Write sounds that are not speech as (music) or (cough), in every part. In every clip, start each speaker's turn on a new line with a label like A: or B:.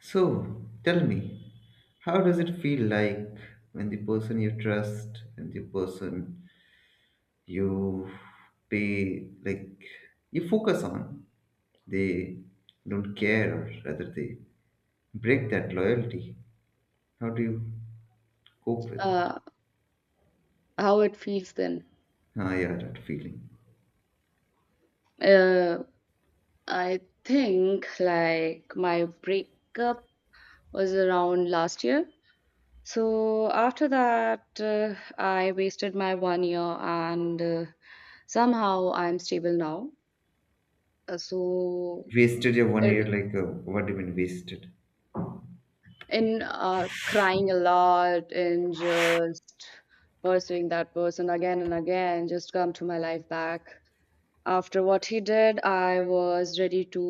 A: So, tell me, how does it feel like when the person you trust and the person you pay, like you focus on, they don't care, or rather they break that loyalty? How do you cope with it?
B: uh, how it feels then.
A: Ah, yeah, that feeling.
B: Uh, I think like my breakup was around last year. So after that, I wasted my 1 year and somehow I'm stable now. Uh, so,
A: Wasted your one
B: uh,
A: year, like what do you mean wasted?
B: in crying a lot and just pursuing that person again and again, just come to my life back. After what he did, I was ready to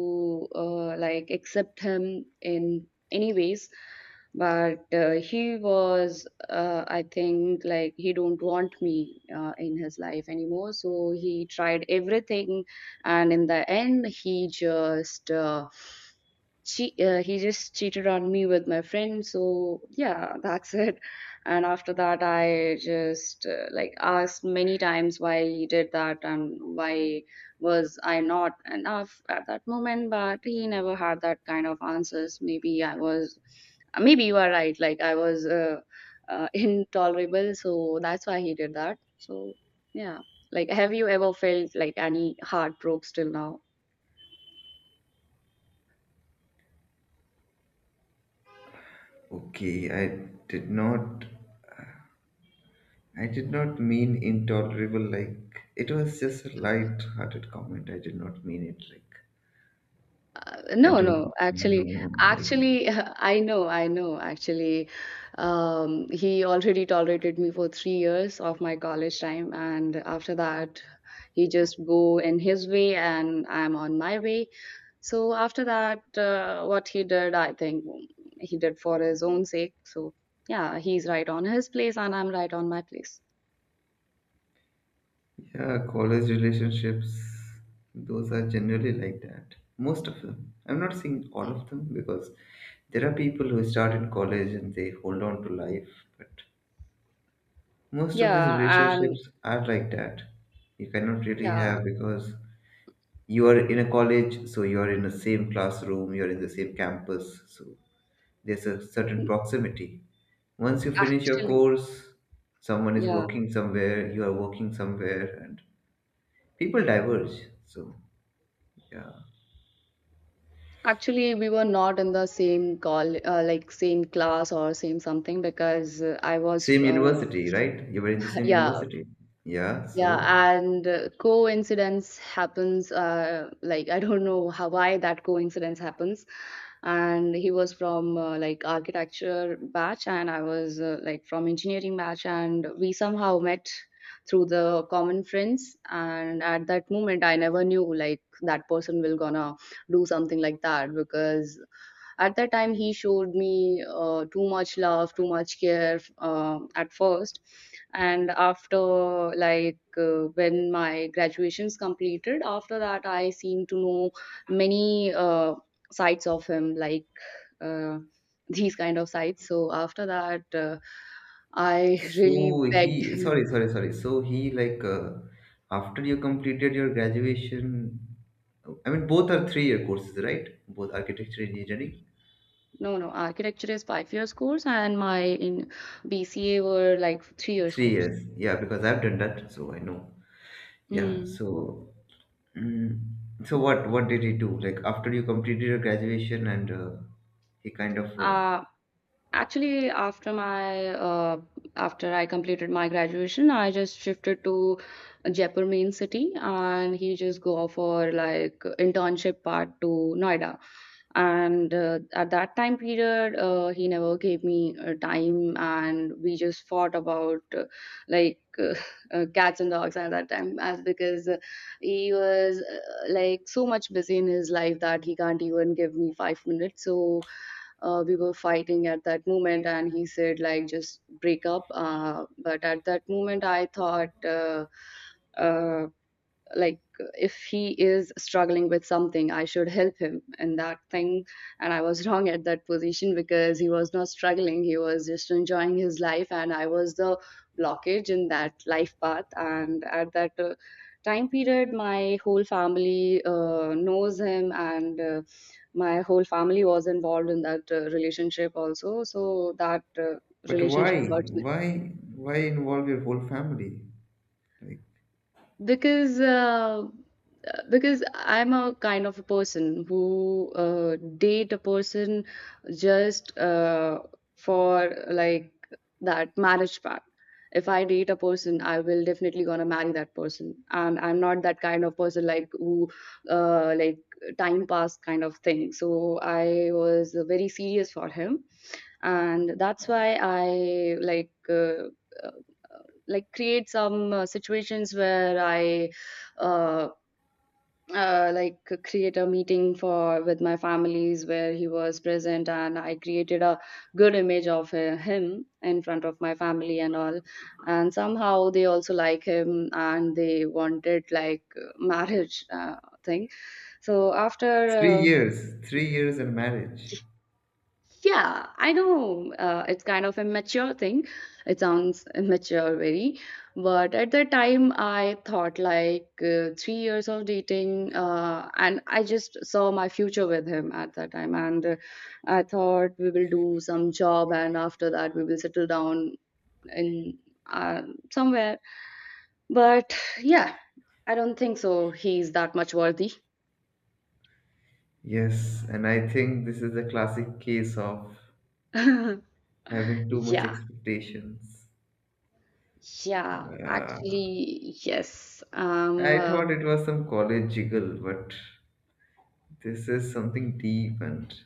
B: like accept him in any ways. But I think, like he don't want me in his life anymore. So he tried everything, and in the end, he just cheated on me with my friend. So yeah, that's (laughs) it. And after that, I just like asked many times why he did that and why was I not enough at that moment. But he never had that kind of answers. Maybe you are right. Like I was (laughs) intolerable. So that's why he did that. So yeah. Like, have you ever felt like any heartbreaks till now?
A: Okay, I did not mean intolerable, like, it was just a light hearted comment. I did not mean it, like, I
B: No, no,
A: don't
B: actually,
A: know, like,
B: actually, (laughs) I know, actually. He already tolerated me for 3 years of my college time, and after that, he just go in his way, and I'm on my way. So after that, what he did, I think he did for his own sake. So yeah, he's right on his place, and I'm right on my place.
A: yeah, college relationships, those are generally like that. Most of them. I'm not saying all of them because there are people who start in college and they hold on to life, but most of these
B: Yeah, and
A: relationships are like that. You cannot really
B: yeah,
A: have because you are in a college, so you are in the same classroom, you are in the same campus, so there's a certain proximity. Once you finish your
B: actually,
A: course, someone is
B: yeah.
A: working somewhere, you are working somewhere, and people diverge. So, yeah.
B: Actually, we were not in the same call, like same class or same something because uh, I
A: Same
B: was, uh,
A: university, right? You were in the
B: (laughs)
A: same
B: yeah,
A: university. Yeah, so
B: yeah, and coincidence happens. Like I don't know how why that coincidence happens, and he was from like architecture batch, and I was like from engineering batch, and we somehow met through the common friends. And at that moment, I never knew like that person will gonna do something like that because at that time, he showed me too much love, too much care at first. And when my graduation's completed, after that, I seem to know many sides of him, like uh, (laughs) these kind of sides. So after that, I (laughs) really
A: so
B: begged
A: he
B: him.
A: sorry, sorry, sorry. So he like after you completed your graduation, I mean both are 3-year courses, right? Both architecture and engineering.
B: No, no, architecture is 5 years course, and my in BCA were like 3 years
A: Three
B: course.
A: years. Yeah, because I've done that, so I know. Yeah,
B: Mm.
A: so. Mm. So what did he do? Like after you completed your graduation and he kind of.
B: Uh, Actually, after I completed my graduation, I just shifted to Jaipur main city, and he just go for like internship part to Noida. And at that time period, he never gave me time, and we just fought about like uh, (laughs) cats and dogs at that time, as because he was like so much busy in his life that he can't even give me 5 minutes. So we were fighting at that moment and he said like just break up but at that moment I thought uh, like if he is struggling with something I should help him in that thing, and I was wrong at that position because he was not struggling, he was just enjoying his life and I was the blockage in that life path. And at that time period my whole family knows him, and my whole family was involved in that relationship also, so that
A: But
B: relationship
A: why
B: hurts me
A: involve your whole family? Like
B: because uh, because I'm a kind of a person who date a person just for like that marriage part. If I date a person I will definitely gonna marry that person, and I'm not that kind of person like who uh, like time pass kind of thing. So I was very serious for him, and that's why I create some situations where I uh, uh, like create a meeting for with my families where he was present, and I created a good image of him in front of my family and all, and somehow they also like him and they wanted like marriage thing. So
A: three
B: after
A: years, 3 years in marriage.
B: Yeah, I know it's kind of a mature thing. It sounds immature, very. But at that time, I thought like 3 years of dating, and I just saw my future with him at that time. And I thought we will do some job, and after that, we will settle down in uh, somewhere. But yeah, I don't think so. He's that much worthy.
A: Yes, and I think this is a classic case of
B: (laughs)
A: having too much
B: Yeah,
A: expectations.
B: yeah,
A: Uh,
B: actually, yes.
A: I thought it was some college jiggle, but this is something deep and.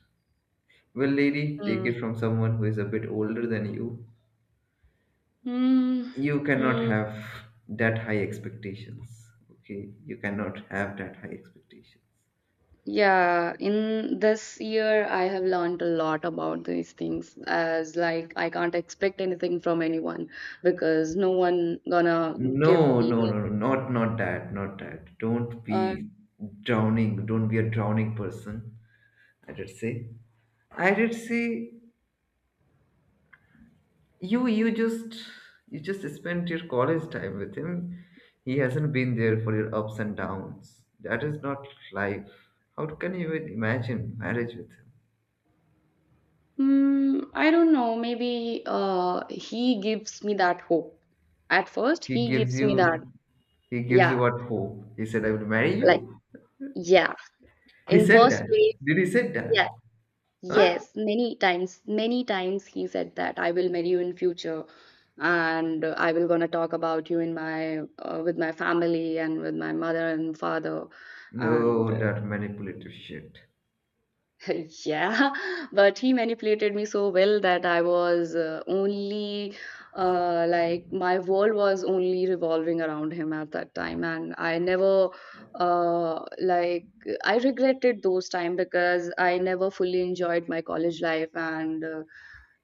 A: Well, lady, take
B: Hmm.
A: it from someone who is a bit older than you.
B: Mm,
A: You cannot
B: mm,
A: have that high expectations, okay, you cannot have that high expectations.
B: yeah, in this year, I have learned a lot about these things as like I can't expect anything from anyone because no one gonna
A: No,
B: give me
A: no,
B: no.
A: no, no, not that, not that,
B: Uh,
A: don't be a drowning person. I did say, I did say, you you just you just spent your college time with him. He hasn't been there for your ups and downs. That is not life. How can you even imagine marriage with him?
B: mm, I don't know. Maybe he gives me that hope. At first,
A: He
B: he
A: gives
B: gives me
A: you
B: that. Yeah,
A: what hope? He said, I will marry
B: like
A: you?
B: yeah.
A: He
B: In
A: said
B: first
A: that.
B: place,
A: Did he say that?
B: yeah.
A: Huh?
B: Yes, many times he said that I will marry you in future and I will gonna talk about you in my with my family and with my mother and father and
A: No, that manipulative shit.
B: (laughs) yeah, but he manipulated me so well that I was only my world was only revolving around him at that time, and I never uh like I regretted those time because I never fully enjoyed my college life, and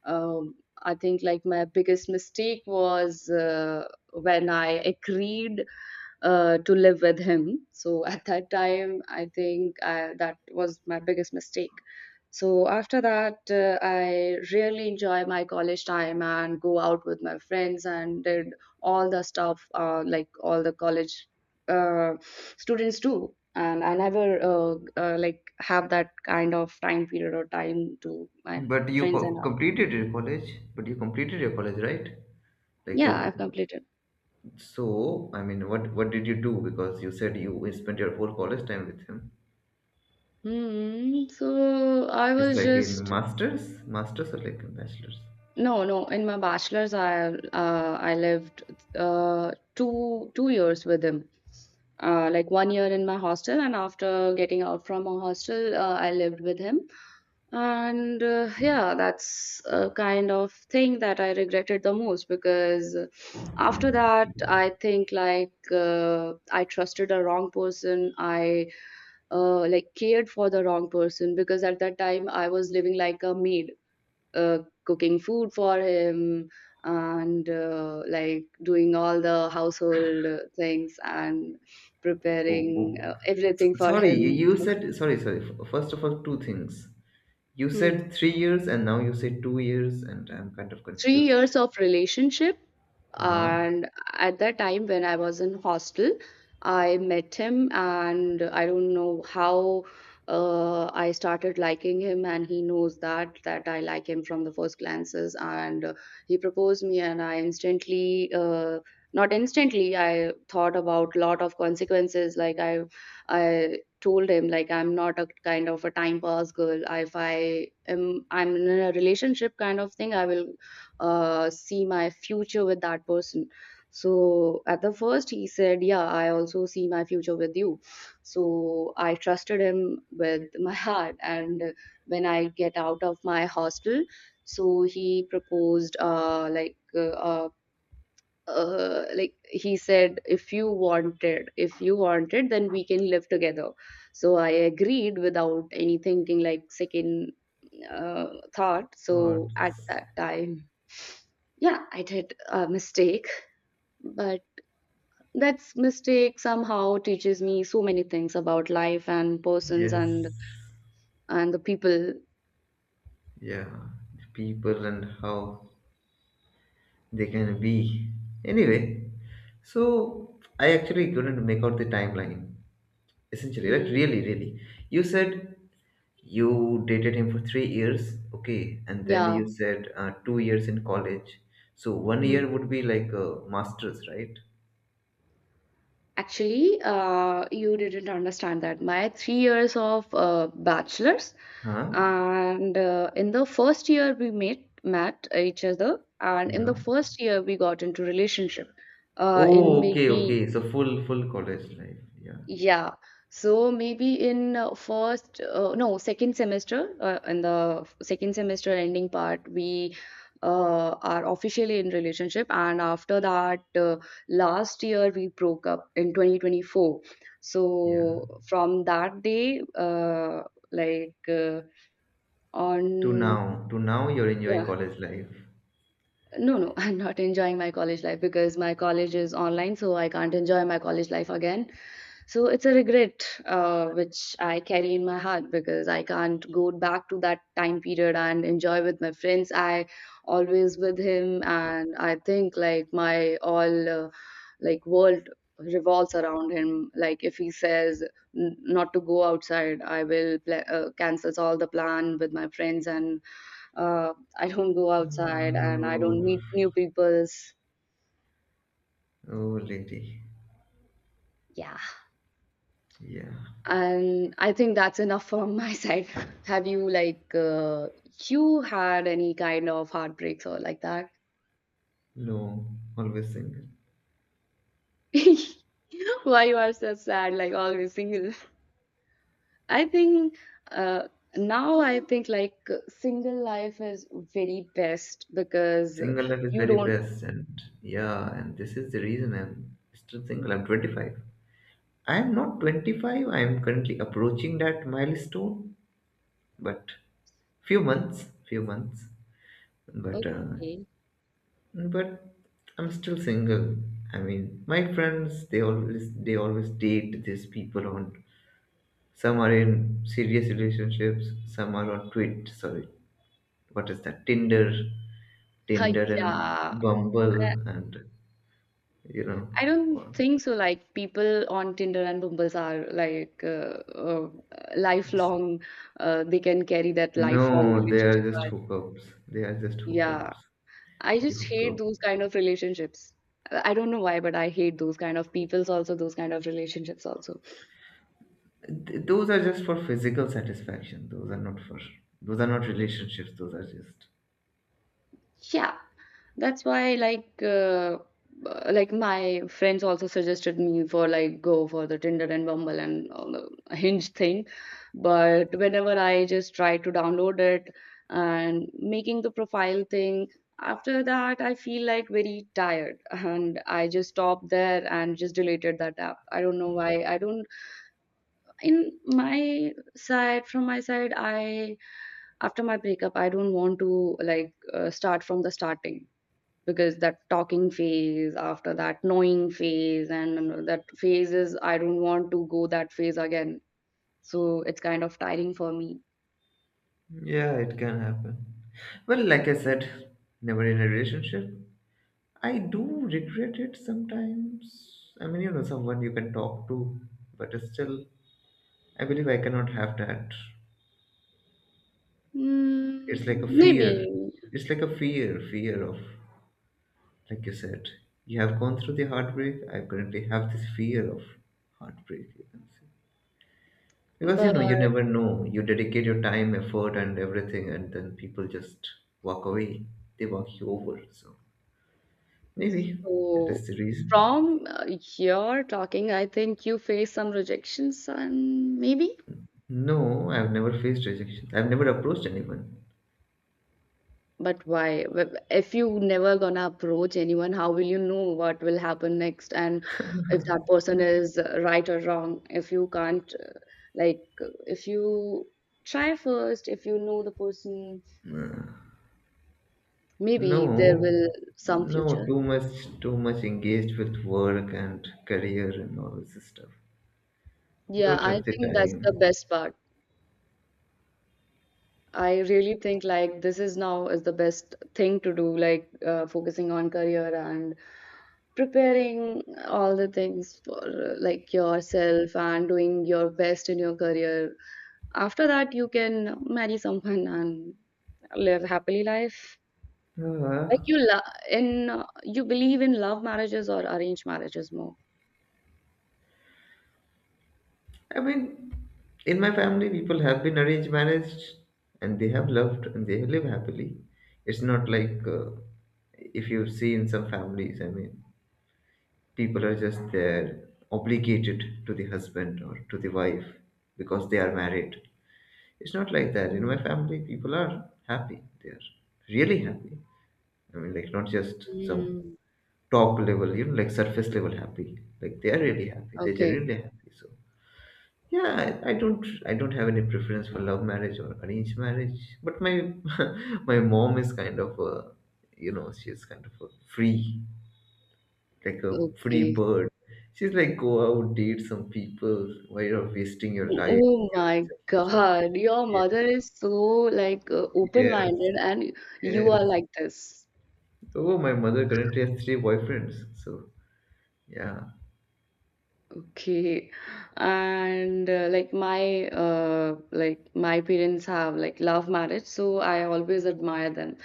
B: um, I think like my biggest mistake was when I agreed to live with him. So (laughs) at that time, that was my biggest mistake. So after that, I really enjoy my college time and go out with my friends and did all the stuff like all the college uh, students do. And I never have that kind of time period or time to my
A: But you
B: friends and all.
A: completed your college. But you completed your college, right? Like the
B: Yeah, I've completed.
A: so I mean, what did you do? Because you said you spent your whole college time with him.
B: Hmm. So I
A: It's
B: was
A: like in
B: just
A: masters or like in bachelors.
B: no, no. In my bachelor's, I lived two years with him. Like 1 year in my hostel, and after getting out from my hostel, I lived with him. And yeah, that's a kind of thing that I regretted the most because after that, I think like I trusted the wrong person. I cared for the wrong person because at that time I was living like a maid, uh, cooking food for him, and like doing all the household things and
A: Oh,
B: preparing
A: oh.
B: everything for
A: Sorry, you
B: him.
A: you
B: (laughs)
A: said sorry, sorry. First of all, two things. You
B: So,
A: said 3 years and now you say 2 years, and I'm kind of
B: three
A: confused
B: years
A: then.
B: of relationship,
A: Huh?
B: and at that time when I was in hostel, I met him and I don't know how, I started liking him and he knows that I like him from the first glances, and he proposed me and I instantly not instantly, I thought about lot of consequences. Like I told him like I'm not a kind of a time pass girl. If I am I'm in a relationship kind of thing, I will see my future with that person. So at the first he said yeah, I also see my future with you. So I trusted him with (laughs) my heart. And when I get out of my hostel, so he proposed like a like he said if you wanted then we can live together. So I agreed without any thinking, like second uh, thought.
A: Or
B: So at that time, yeah, I did a mistake, but that's mistake somehow teaches me so many things about life and persons
A: Yes,
B: and the people.
A: yeah, people and how they can be. Anyway, so I actually couldn't make out the timeline, essentially, like
B: Mm,
A: really, really. You said you dated him for 3 years, okay, and then
B: yeah.
A: you said 2 years in college. So one
B: Mm.
A: year would be like a master's, right?
B: Actually you didn't understand that my 3 years of bachelor's,
A: Huh?
B: and in the first year we met each other, and in
A: Yeah.
B: the first year we got into relationship in
A: Oh, okay,
B: maybe
A: okay. So full college life. Yeah.
B: yeah. So maybe in first no second semester, in the second semester ending part we are officially in relationship. And after that last year we broke up in 2024.
A: Yeah.
B: So from that day like on
A: To now you're enjoying
B: yeah.
A: college life.
B: No, no, (laughs) I'm not enjoying my college life because my college is online, so I can't enjoy my college life again. So it's a regret which I carry in my heart because I can't go back to that time period and enjoy with my friends. I always with him, and I think like my all world revolves around him. Like if he says not to go outside, I will cancels all the plan with my friends, and I don't go outside and I
A: Oh,
B: don't meet new peoples.
A: oh lady.
B: Yeah.
A: Yeah.
B: And I think that's enough from my (laughs) side. Have you like you had any kind of heartbreaks or like that?
A: No, always single.
B: (laughs) Why you are so sad, like always single? I think uh, now I think like single life is very best because
A: Single life is
B: you
A: very
B: don't.
A: best and yeah, and this is the reason I'm still single. I'm 25. I am not 25. I am currently approaching that milestone, but few months, few months. But uh,
B: Okay.
A: but I'm still single. I mean, my friends they always date these people on. Some are in serious relationships. Some are on Twit. Sorry, what is that?
B: Uh,
A: Tinder and
B: yeah,
A: Bumble, and you know,
B: I don't
A: all-
B: think so. Like people on Tinder and Bumbles are like lifelong. They can carry that lifelong
A: no, they are
B: relationship.
A: just
B: But
A: hookups. They are just
B: yeah,
A: hookups.
B: I
A: You
B: just hate
A: hook
B: those kind of relationships. I don't know why, but I hate those kind of peoples also, those kind of relationships also.
A: up. Those are just for physical satisfaction. Those are not for. Those are not relationships. Those are just.
B: Yeah. That's why like my friends also suggested me for like go for the Tinder and Bumble and all the Hinge thing. But whenever I just try to download it and making the profile thing, after that I feel like very tired (laughs) and I just stopped there and just deleted that app. I don't know why. I don't in my side from my side I after my breakup I don't want to start from the starting, because that talking phase, after that knowing phase, and that phase is, I don't want to go that phase again, so it's kind of tiring for me.
A: Yeah, it can happen. Well, like I said, never in a relationship. I do regret it sometimes. I mean, someone you can talk to, but still, I believe I cannot have that. It's like a
B: Maybe,
A: fear. It's like a fear, fear of, like you said, you have gone through the heartbreak. I currently have this fear of heartbreak, you can say. Because,
B: but
A: you never know. You dedicate your time, effort, and everything, and then people just walk away. They walk you over, so. Maybe that
B: so
A: is the reason.
B: from your talking I think you face some rejections and maybe.
A: No, I've never faced rejection. I've never approached anyone.
B: But why? If you never gonna approach anyone, how will you know what will happen next, and if that person is right or wrong? If you can't, if you try first, if you know the person, maybe there
A: No,
B: will some
A: no,
B: future.
A: too much engaged with work and career and all this stuff.
B: Yeah,
A: Don't
B: I
A: have the
B: think that's the
A: time.
B: best part. I really think like this is now is the best thing to do, like focusing on career and preparing all the things for like yourself and doing your best in your career. After that, you can marry someone and live happily life. Like
A: Uh,
B: you lo- you believe in love marriages or arranged marriages more.
A: I mean, in my family, people have been arranged marriage and they have loved and they live happily. It's not like if you see in some families, I mean, people are just there obligated to the husband or to the wife because they are married. It's not like that in my
B: Mm.
A: family. People are happy, they're really happy. I mean, like, not just some
B: Mm.
A: top level, like surface level happy, like they are really happy, they're
B: Okay,
A: genuinely happy. So, yeah, I don't have any preference for love marriage or arranged marriage, but my (laughs) my mom is kind of a, you know, she's kind of a free like, a free
B: okay.
A: bird. She's like, go out, date some people. Why you're wasting your life?
B: Oh my
A: You're just,
B: God, your
A: yeah,
B: mother is so like
A: yes,
B: open-minded, and you are
A: yes.
B: like this.
A: Oh, my mother currently has three boyfriends. So, yeah.
B: Okay. And like my parents have like love marriage, so I always admire them.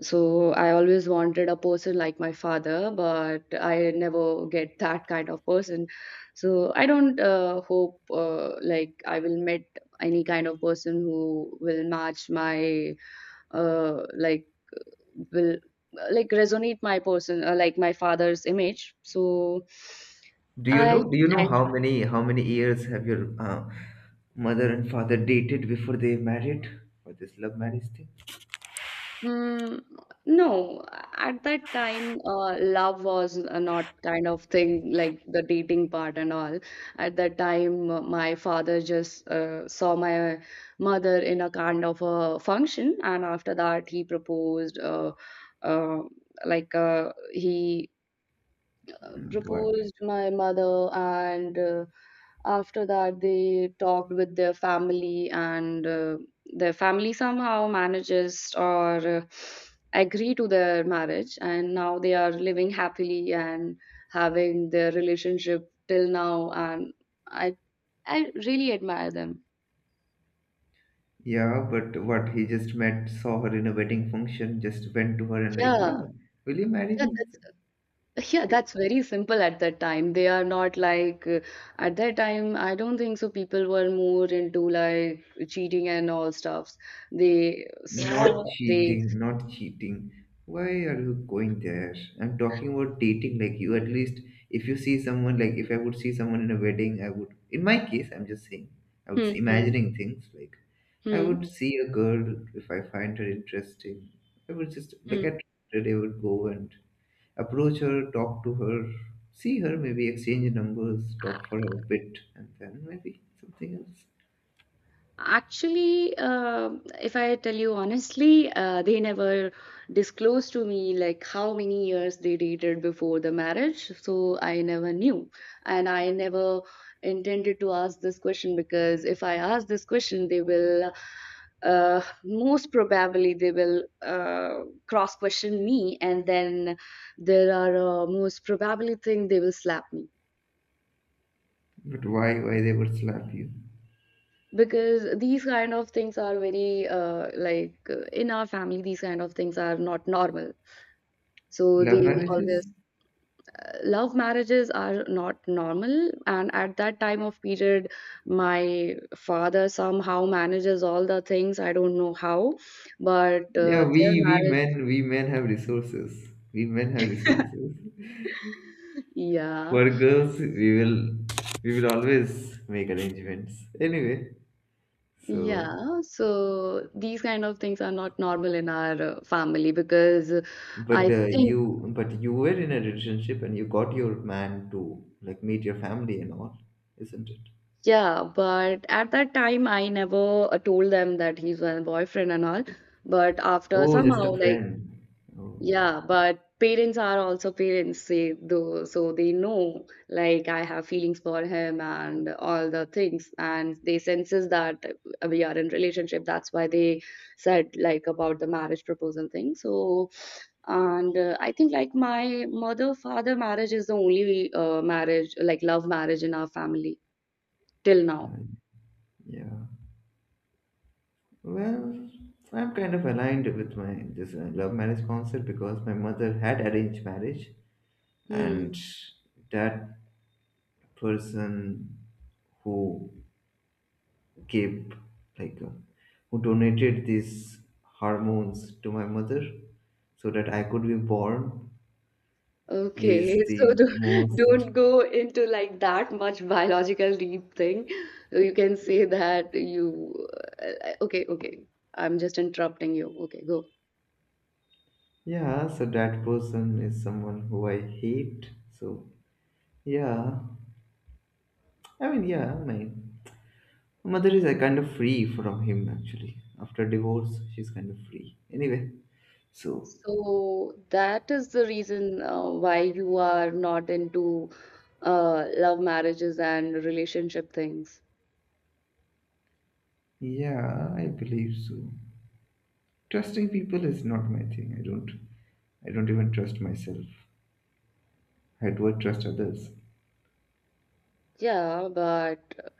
B: So I always wanted a person like my father, but I never get that kind of person. So I don't hope like I will meet any kind of person who will match my uh like will like resonate my person, like my father's image. I
A: Do you know
B: and
A: how many years have your mother and father dated before they married for this love marriage thing?
B: mm, no, at that time love was not kind of thing like the dating part and all. At that time my father just saw my mother in a kind of a function, and after that he proposed, uh, he
A: What?
B: proposed my mother, and after that they talked with their family, and their family somehow manages or agree to their marriage, and now they are living happily and having their relationship till now, and i I really admire them.
A: Yeah, but what? He just met, saw her in a wedding function, just went to her and like, yeah,
B: yeah
A: will you marry
B: yeah
A: me?
B: that's, yeah,
A: So,
B: that's very simple at that time. They are not like at that time, I don't think so. People were more into like cheating and all stuffs. They saw
A: Not
B: they
A: cheating, not cheating. Why are you going there? I'm talking about dating. Like you, at least if you see someone, like if I would see someone in a wedding, I would. In my case, I'm just saying, I would
B: hmm, hmm,
A: imagining things. Like I
B: hmm,
A: would see a girl if I find her interesting.
B: hmm.
A: I today would go and approach her, talk to her, see her, maybe exchange numbers, talk for a bit, and then maybe something else.
B: Actually, if I tell you honestly, they never disclosed to me like how many years they dated before the marriage, so I never knew, and I never intended to ask this question, because if I ask this question, they will most probably they will cross question me, and then there are most probably thing they will slap me.
A: But why? Why they would slap you?
B: Because these kind of things are very in our family these kind of things are not normal, so
A: Love
B: they
A: marriages?
B: always love marriages are not normal, and at that time of period my father somehow manages all the things, I don't know how, but
A: Yeah,
B: their marriage,
A: we men have resources. We men have resources.
B: yeah,
A: For girls, we will always make arrangements. Anyway, so
B: yeah, so these kind of things are not normal in our family because
A: but
B: i
A: uh,
B: think
A: you but you were in a relationship and you got your man to like meet your family and all, isn't it?
B: Yeah, but at that time, I never told them that he's my boyfriend and all. But after
A: Oh, just a
B: somehow, like,
A: friend. Oh,
B: yeah, but parents are also parents, say though, so they know like I have feelings for him and all the things, and they senses that we are in relationship. That's why they said like about the marriage proposal thing. So, and I think like my mother father marriage is the only marriage like love marriage in our family till now.
A: I- yeah. Well, I'm kind of aligned with my this love marriage concept because my mother had arranged marriage,
B: Hmm.
A: and that person who gave like who donated these hormones to my mother so that I could be born. He
B: Okay,
A: is
B: (laughs) so
A: the
B: do,
A: most
B: don't go into like that much biological deep thing. You can say that you, okay, okay, I'm just interrupting you. Okay, go.
A: Yeah, so that person is someone who I hate. So, yeah. I mean, yeah, my mother is kind of free from him actually. After divorce she's kind of free. Anyway, so,
B: So that is the reason why you are not into love marriages and relationship things.
A: yeah, I believe so. Trusting people is not my thing. I don't even trust myself. I do trust others.
B: Yeah, but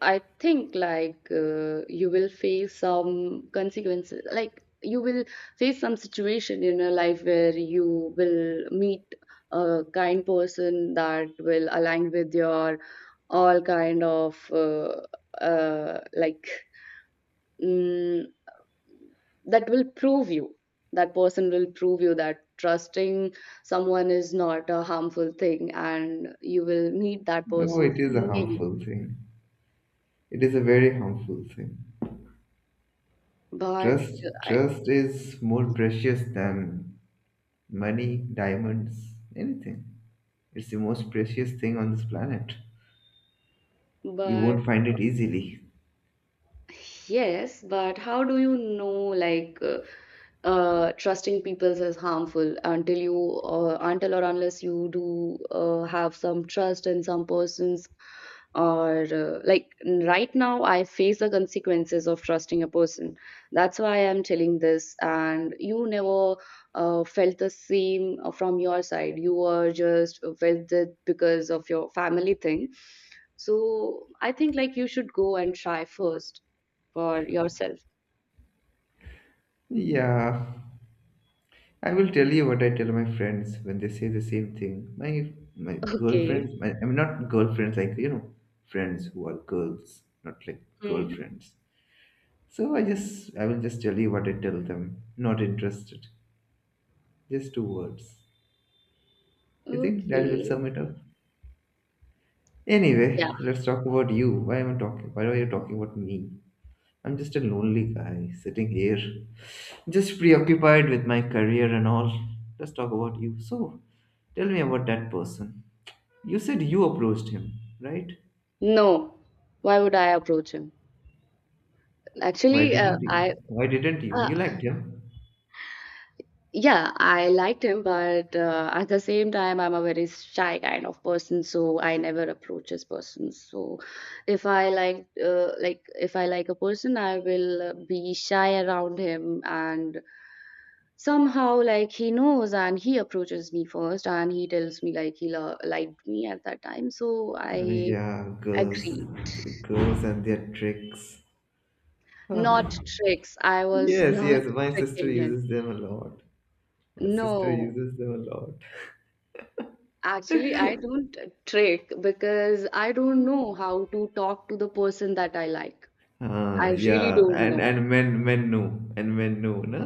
B: I think you will face some consequences. Like you will face some situation in your life where you will meet a kind person that will align with your all kind of uh, like mm, that will prove you. That person will prove you that trusting someone is not a harmful thing, and you will meet that
A: No,
B: person
A: it is a
B: soon, maybe.
A: harmful thing. It is a very harmful thing.
B: But I,
A: Trust is more precious than money, diamonds, anything. It's the most precious thing on this planet. You
B: but
A: won't find it easily.
B: yes, but how do you know trusting people is harmful until you until or unless you do have some trust in some persons, or like right now I face the consequences of trusting a person. That's why I'm telling this, and you never felt the same from your side. You were just felt it because of your family thing. So I think like you should go and try first for yourself.
A: Yeah, I will tell you what I tell my friends when they say the same thing. My
B: (laughs) Okay.
A: girlfriends, my, I mean not girlfriends like friends who are girls, not like
B: Hmm.
A: girlfriends. So, I will just tell you what I tell them. Not interested. Just two words. You think that will sum
B: Okay.
A: it up?
B: Yeah.
A: Anyway, let's talk about you. Why am I talking? Why are you talking about me? I'm just a lonely guy sitting here, just preoccupied with my career and all. Let's talk about you. So, tell me about that person. You said you approached him, right?
B: No. Why would I approach him?
A: Why
B: Actually,
A: didn't
B: I
A: you? Why didn't you?
B: uh,
A: You liked him.
B: yeah, I liked him, but at the same time, I'm a very shy kind of person, so I never approach this person. So, if I like if I like a person, I will be shy around him, and somehow like he knows, and he approaches me first, and he tells me like he liked me at that time. So I
A: Yeah, girls,
B: agree.
A: girls and their tricks.
B: Not
A: Huh.
B: tricks. I was (laughs)
A: Yes,
B: not
A: yes. My sister
B: tricking him.
A: uses them a lot. My sister
B: No,
A: uses them a lot.
B: actually, I don't trick because I don't know how to talk to the person that I like. I really
A: Yeah,
B: don't know.
A: and men know and men know, no.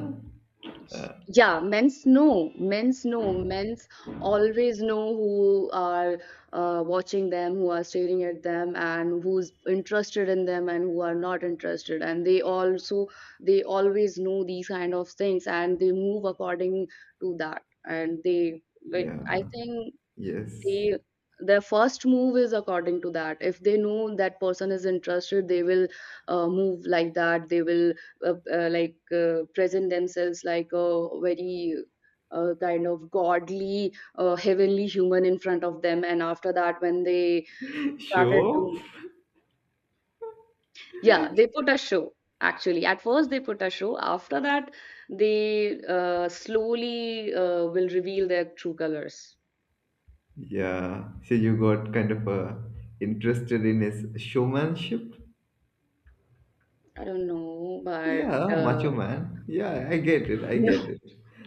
A: Uh,
B: Yeah, men's know. Men's know. Men's always know who are watching them, who are staring at them, and who's interested in them and who are not interested. And they also they always know these kind of things, and they move according to that. And they like
A: yeah.
B: I think
A: Yes.
B: they, their first move is according to that. If they know that person is interested, they will move like that, they will present themselves like a very kind of godly heavenly human in front of them, and after that when they started to,
A: Sure.
B: yeah they put a show, actually at first they put a show, after that they slowly will reveal their true colors.
A: Yeah. So you got kind of interested in his showmanship.
B: I don't know, but
A: Yeah,
B: uh,
A: macho man. Yeah, I get it.
B: (laughs)
A: I get
B: no.
A: it.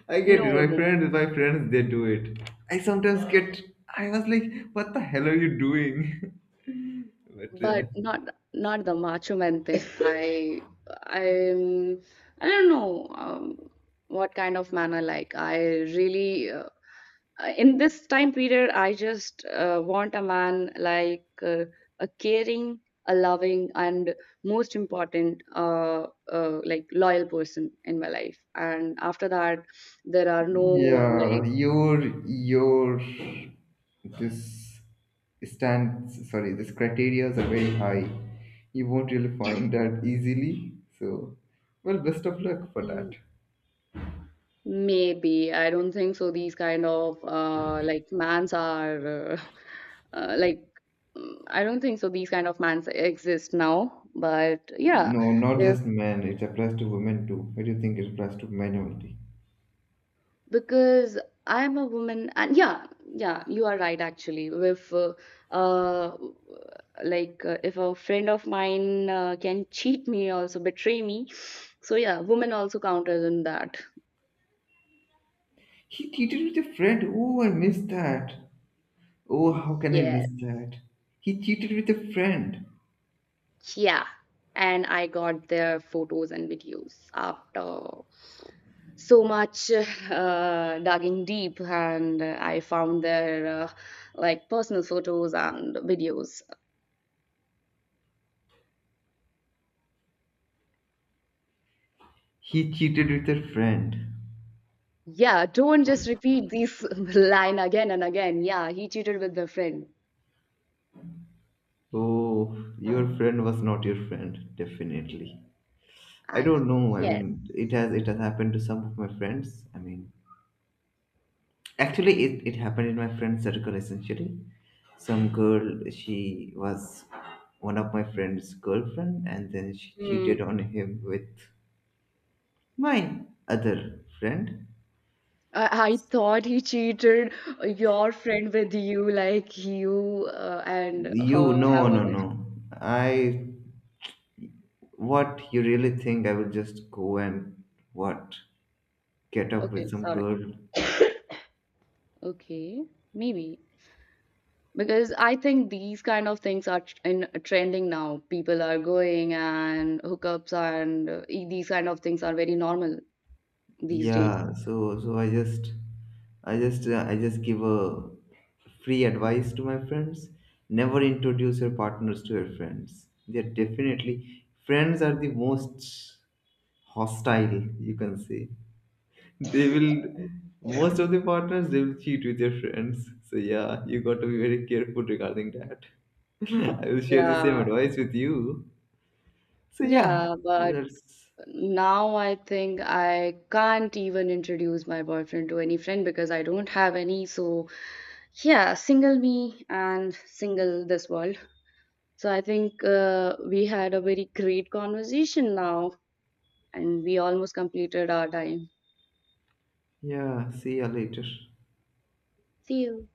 A: I get
B: No,
A: it.
B: no,
A: My friends, they do it. I sometimes get. I was like, what the hell are you doing? (laughs) But
B: but not the Macho Man thing. (laughs) I'm I don't know what kind of man I like. I really in this time period, I just want a man like a caring, a loving, and most important, loyal person in my life. And after that, there are no
A: yeah, your this stands. Sorry, this criteria are very high. You won't really
B: like.
A: find that easily. So, well, best of luck for that.
B: (laughs) Maybe. I don't think so. These kind of like mans are (laughs) uh, like I don't think so these kind of mans exist now. But yeah,
A: No, not
B: if,
A: just men. It applies to women too. What do you think it applies to minority?
B: because I am a woman, and yeah, yeah, you are right actually. If uh, if a friend of mine can cheat me, also betray me, so yeah, women also counters in that.
A: He cheated with a friend. Oh, I missed that. Oh, how can I
B: Yes.
A: miss that? He cheated with a friend.
B: Yeah, and I got their photos and videos after so much (laughs) digging deep, and I found their like personal photos and videos.
A: He cheated with a friend.
B: Yeah, don't just repeat this (laughs) line again and again. Yeah, he cheated with the friend.
A: Oh, your friend was not your friend, definitely. I
B: Ah,
A: don't know. I
B: yes.
A: mean, it has happened to some of my friends. I mean, actually, it happened in my friend circle essentially. Some girl, she was one of my friend's girlfriend, and then she cheated
B: Hmm.
A: on him with my other friend.
B: I thought he cheated your friend with you, like you and
A: You,
B: her have
A: no,
B: a
A: no,
B: like.
A: no. I What you really think? I will just go and what get up
B: Okay,
A: with some
B: sorry.
A: girl?
B: Okay, maybe. Because I think these kind of things are in trending now. People are going and hookups and these kind of things are very normal these days.
A: Yeah. So, I just give a free advice to my friends. Never introduce your partners to your friends. They're definitely friends are the most hostile you can say. They will, most of the partners, they will cheat with their friends. So, yeah, you got to be very careful regarding that. (laughs) I will share the same
B: Yeah,
A: advice with you. So, yeah,
B: yeah, but
A: let's,
B: now I think I can't even introduce my boyfriend to any friend because I don't have any. So, yeah, single me and single this world. So, I think we had a very great conversation now and we almost completed our time.
A: yeah, see you later.
B: See you.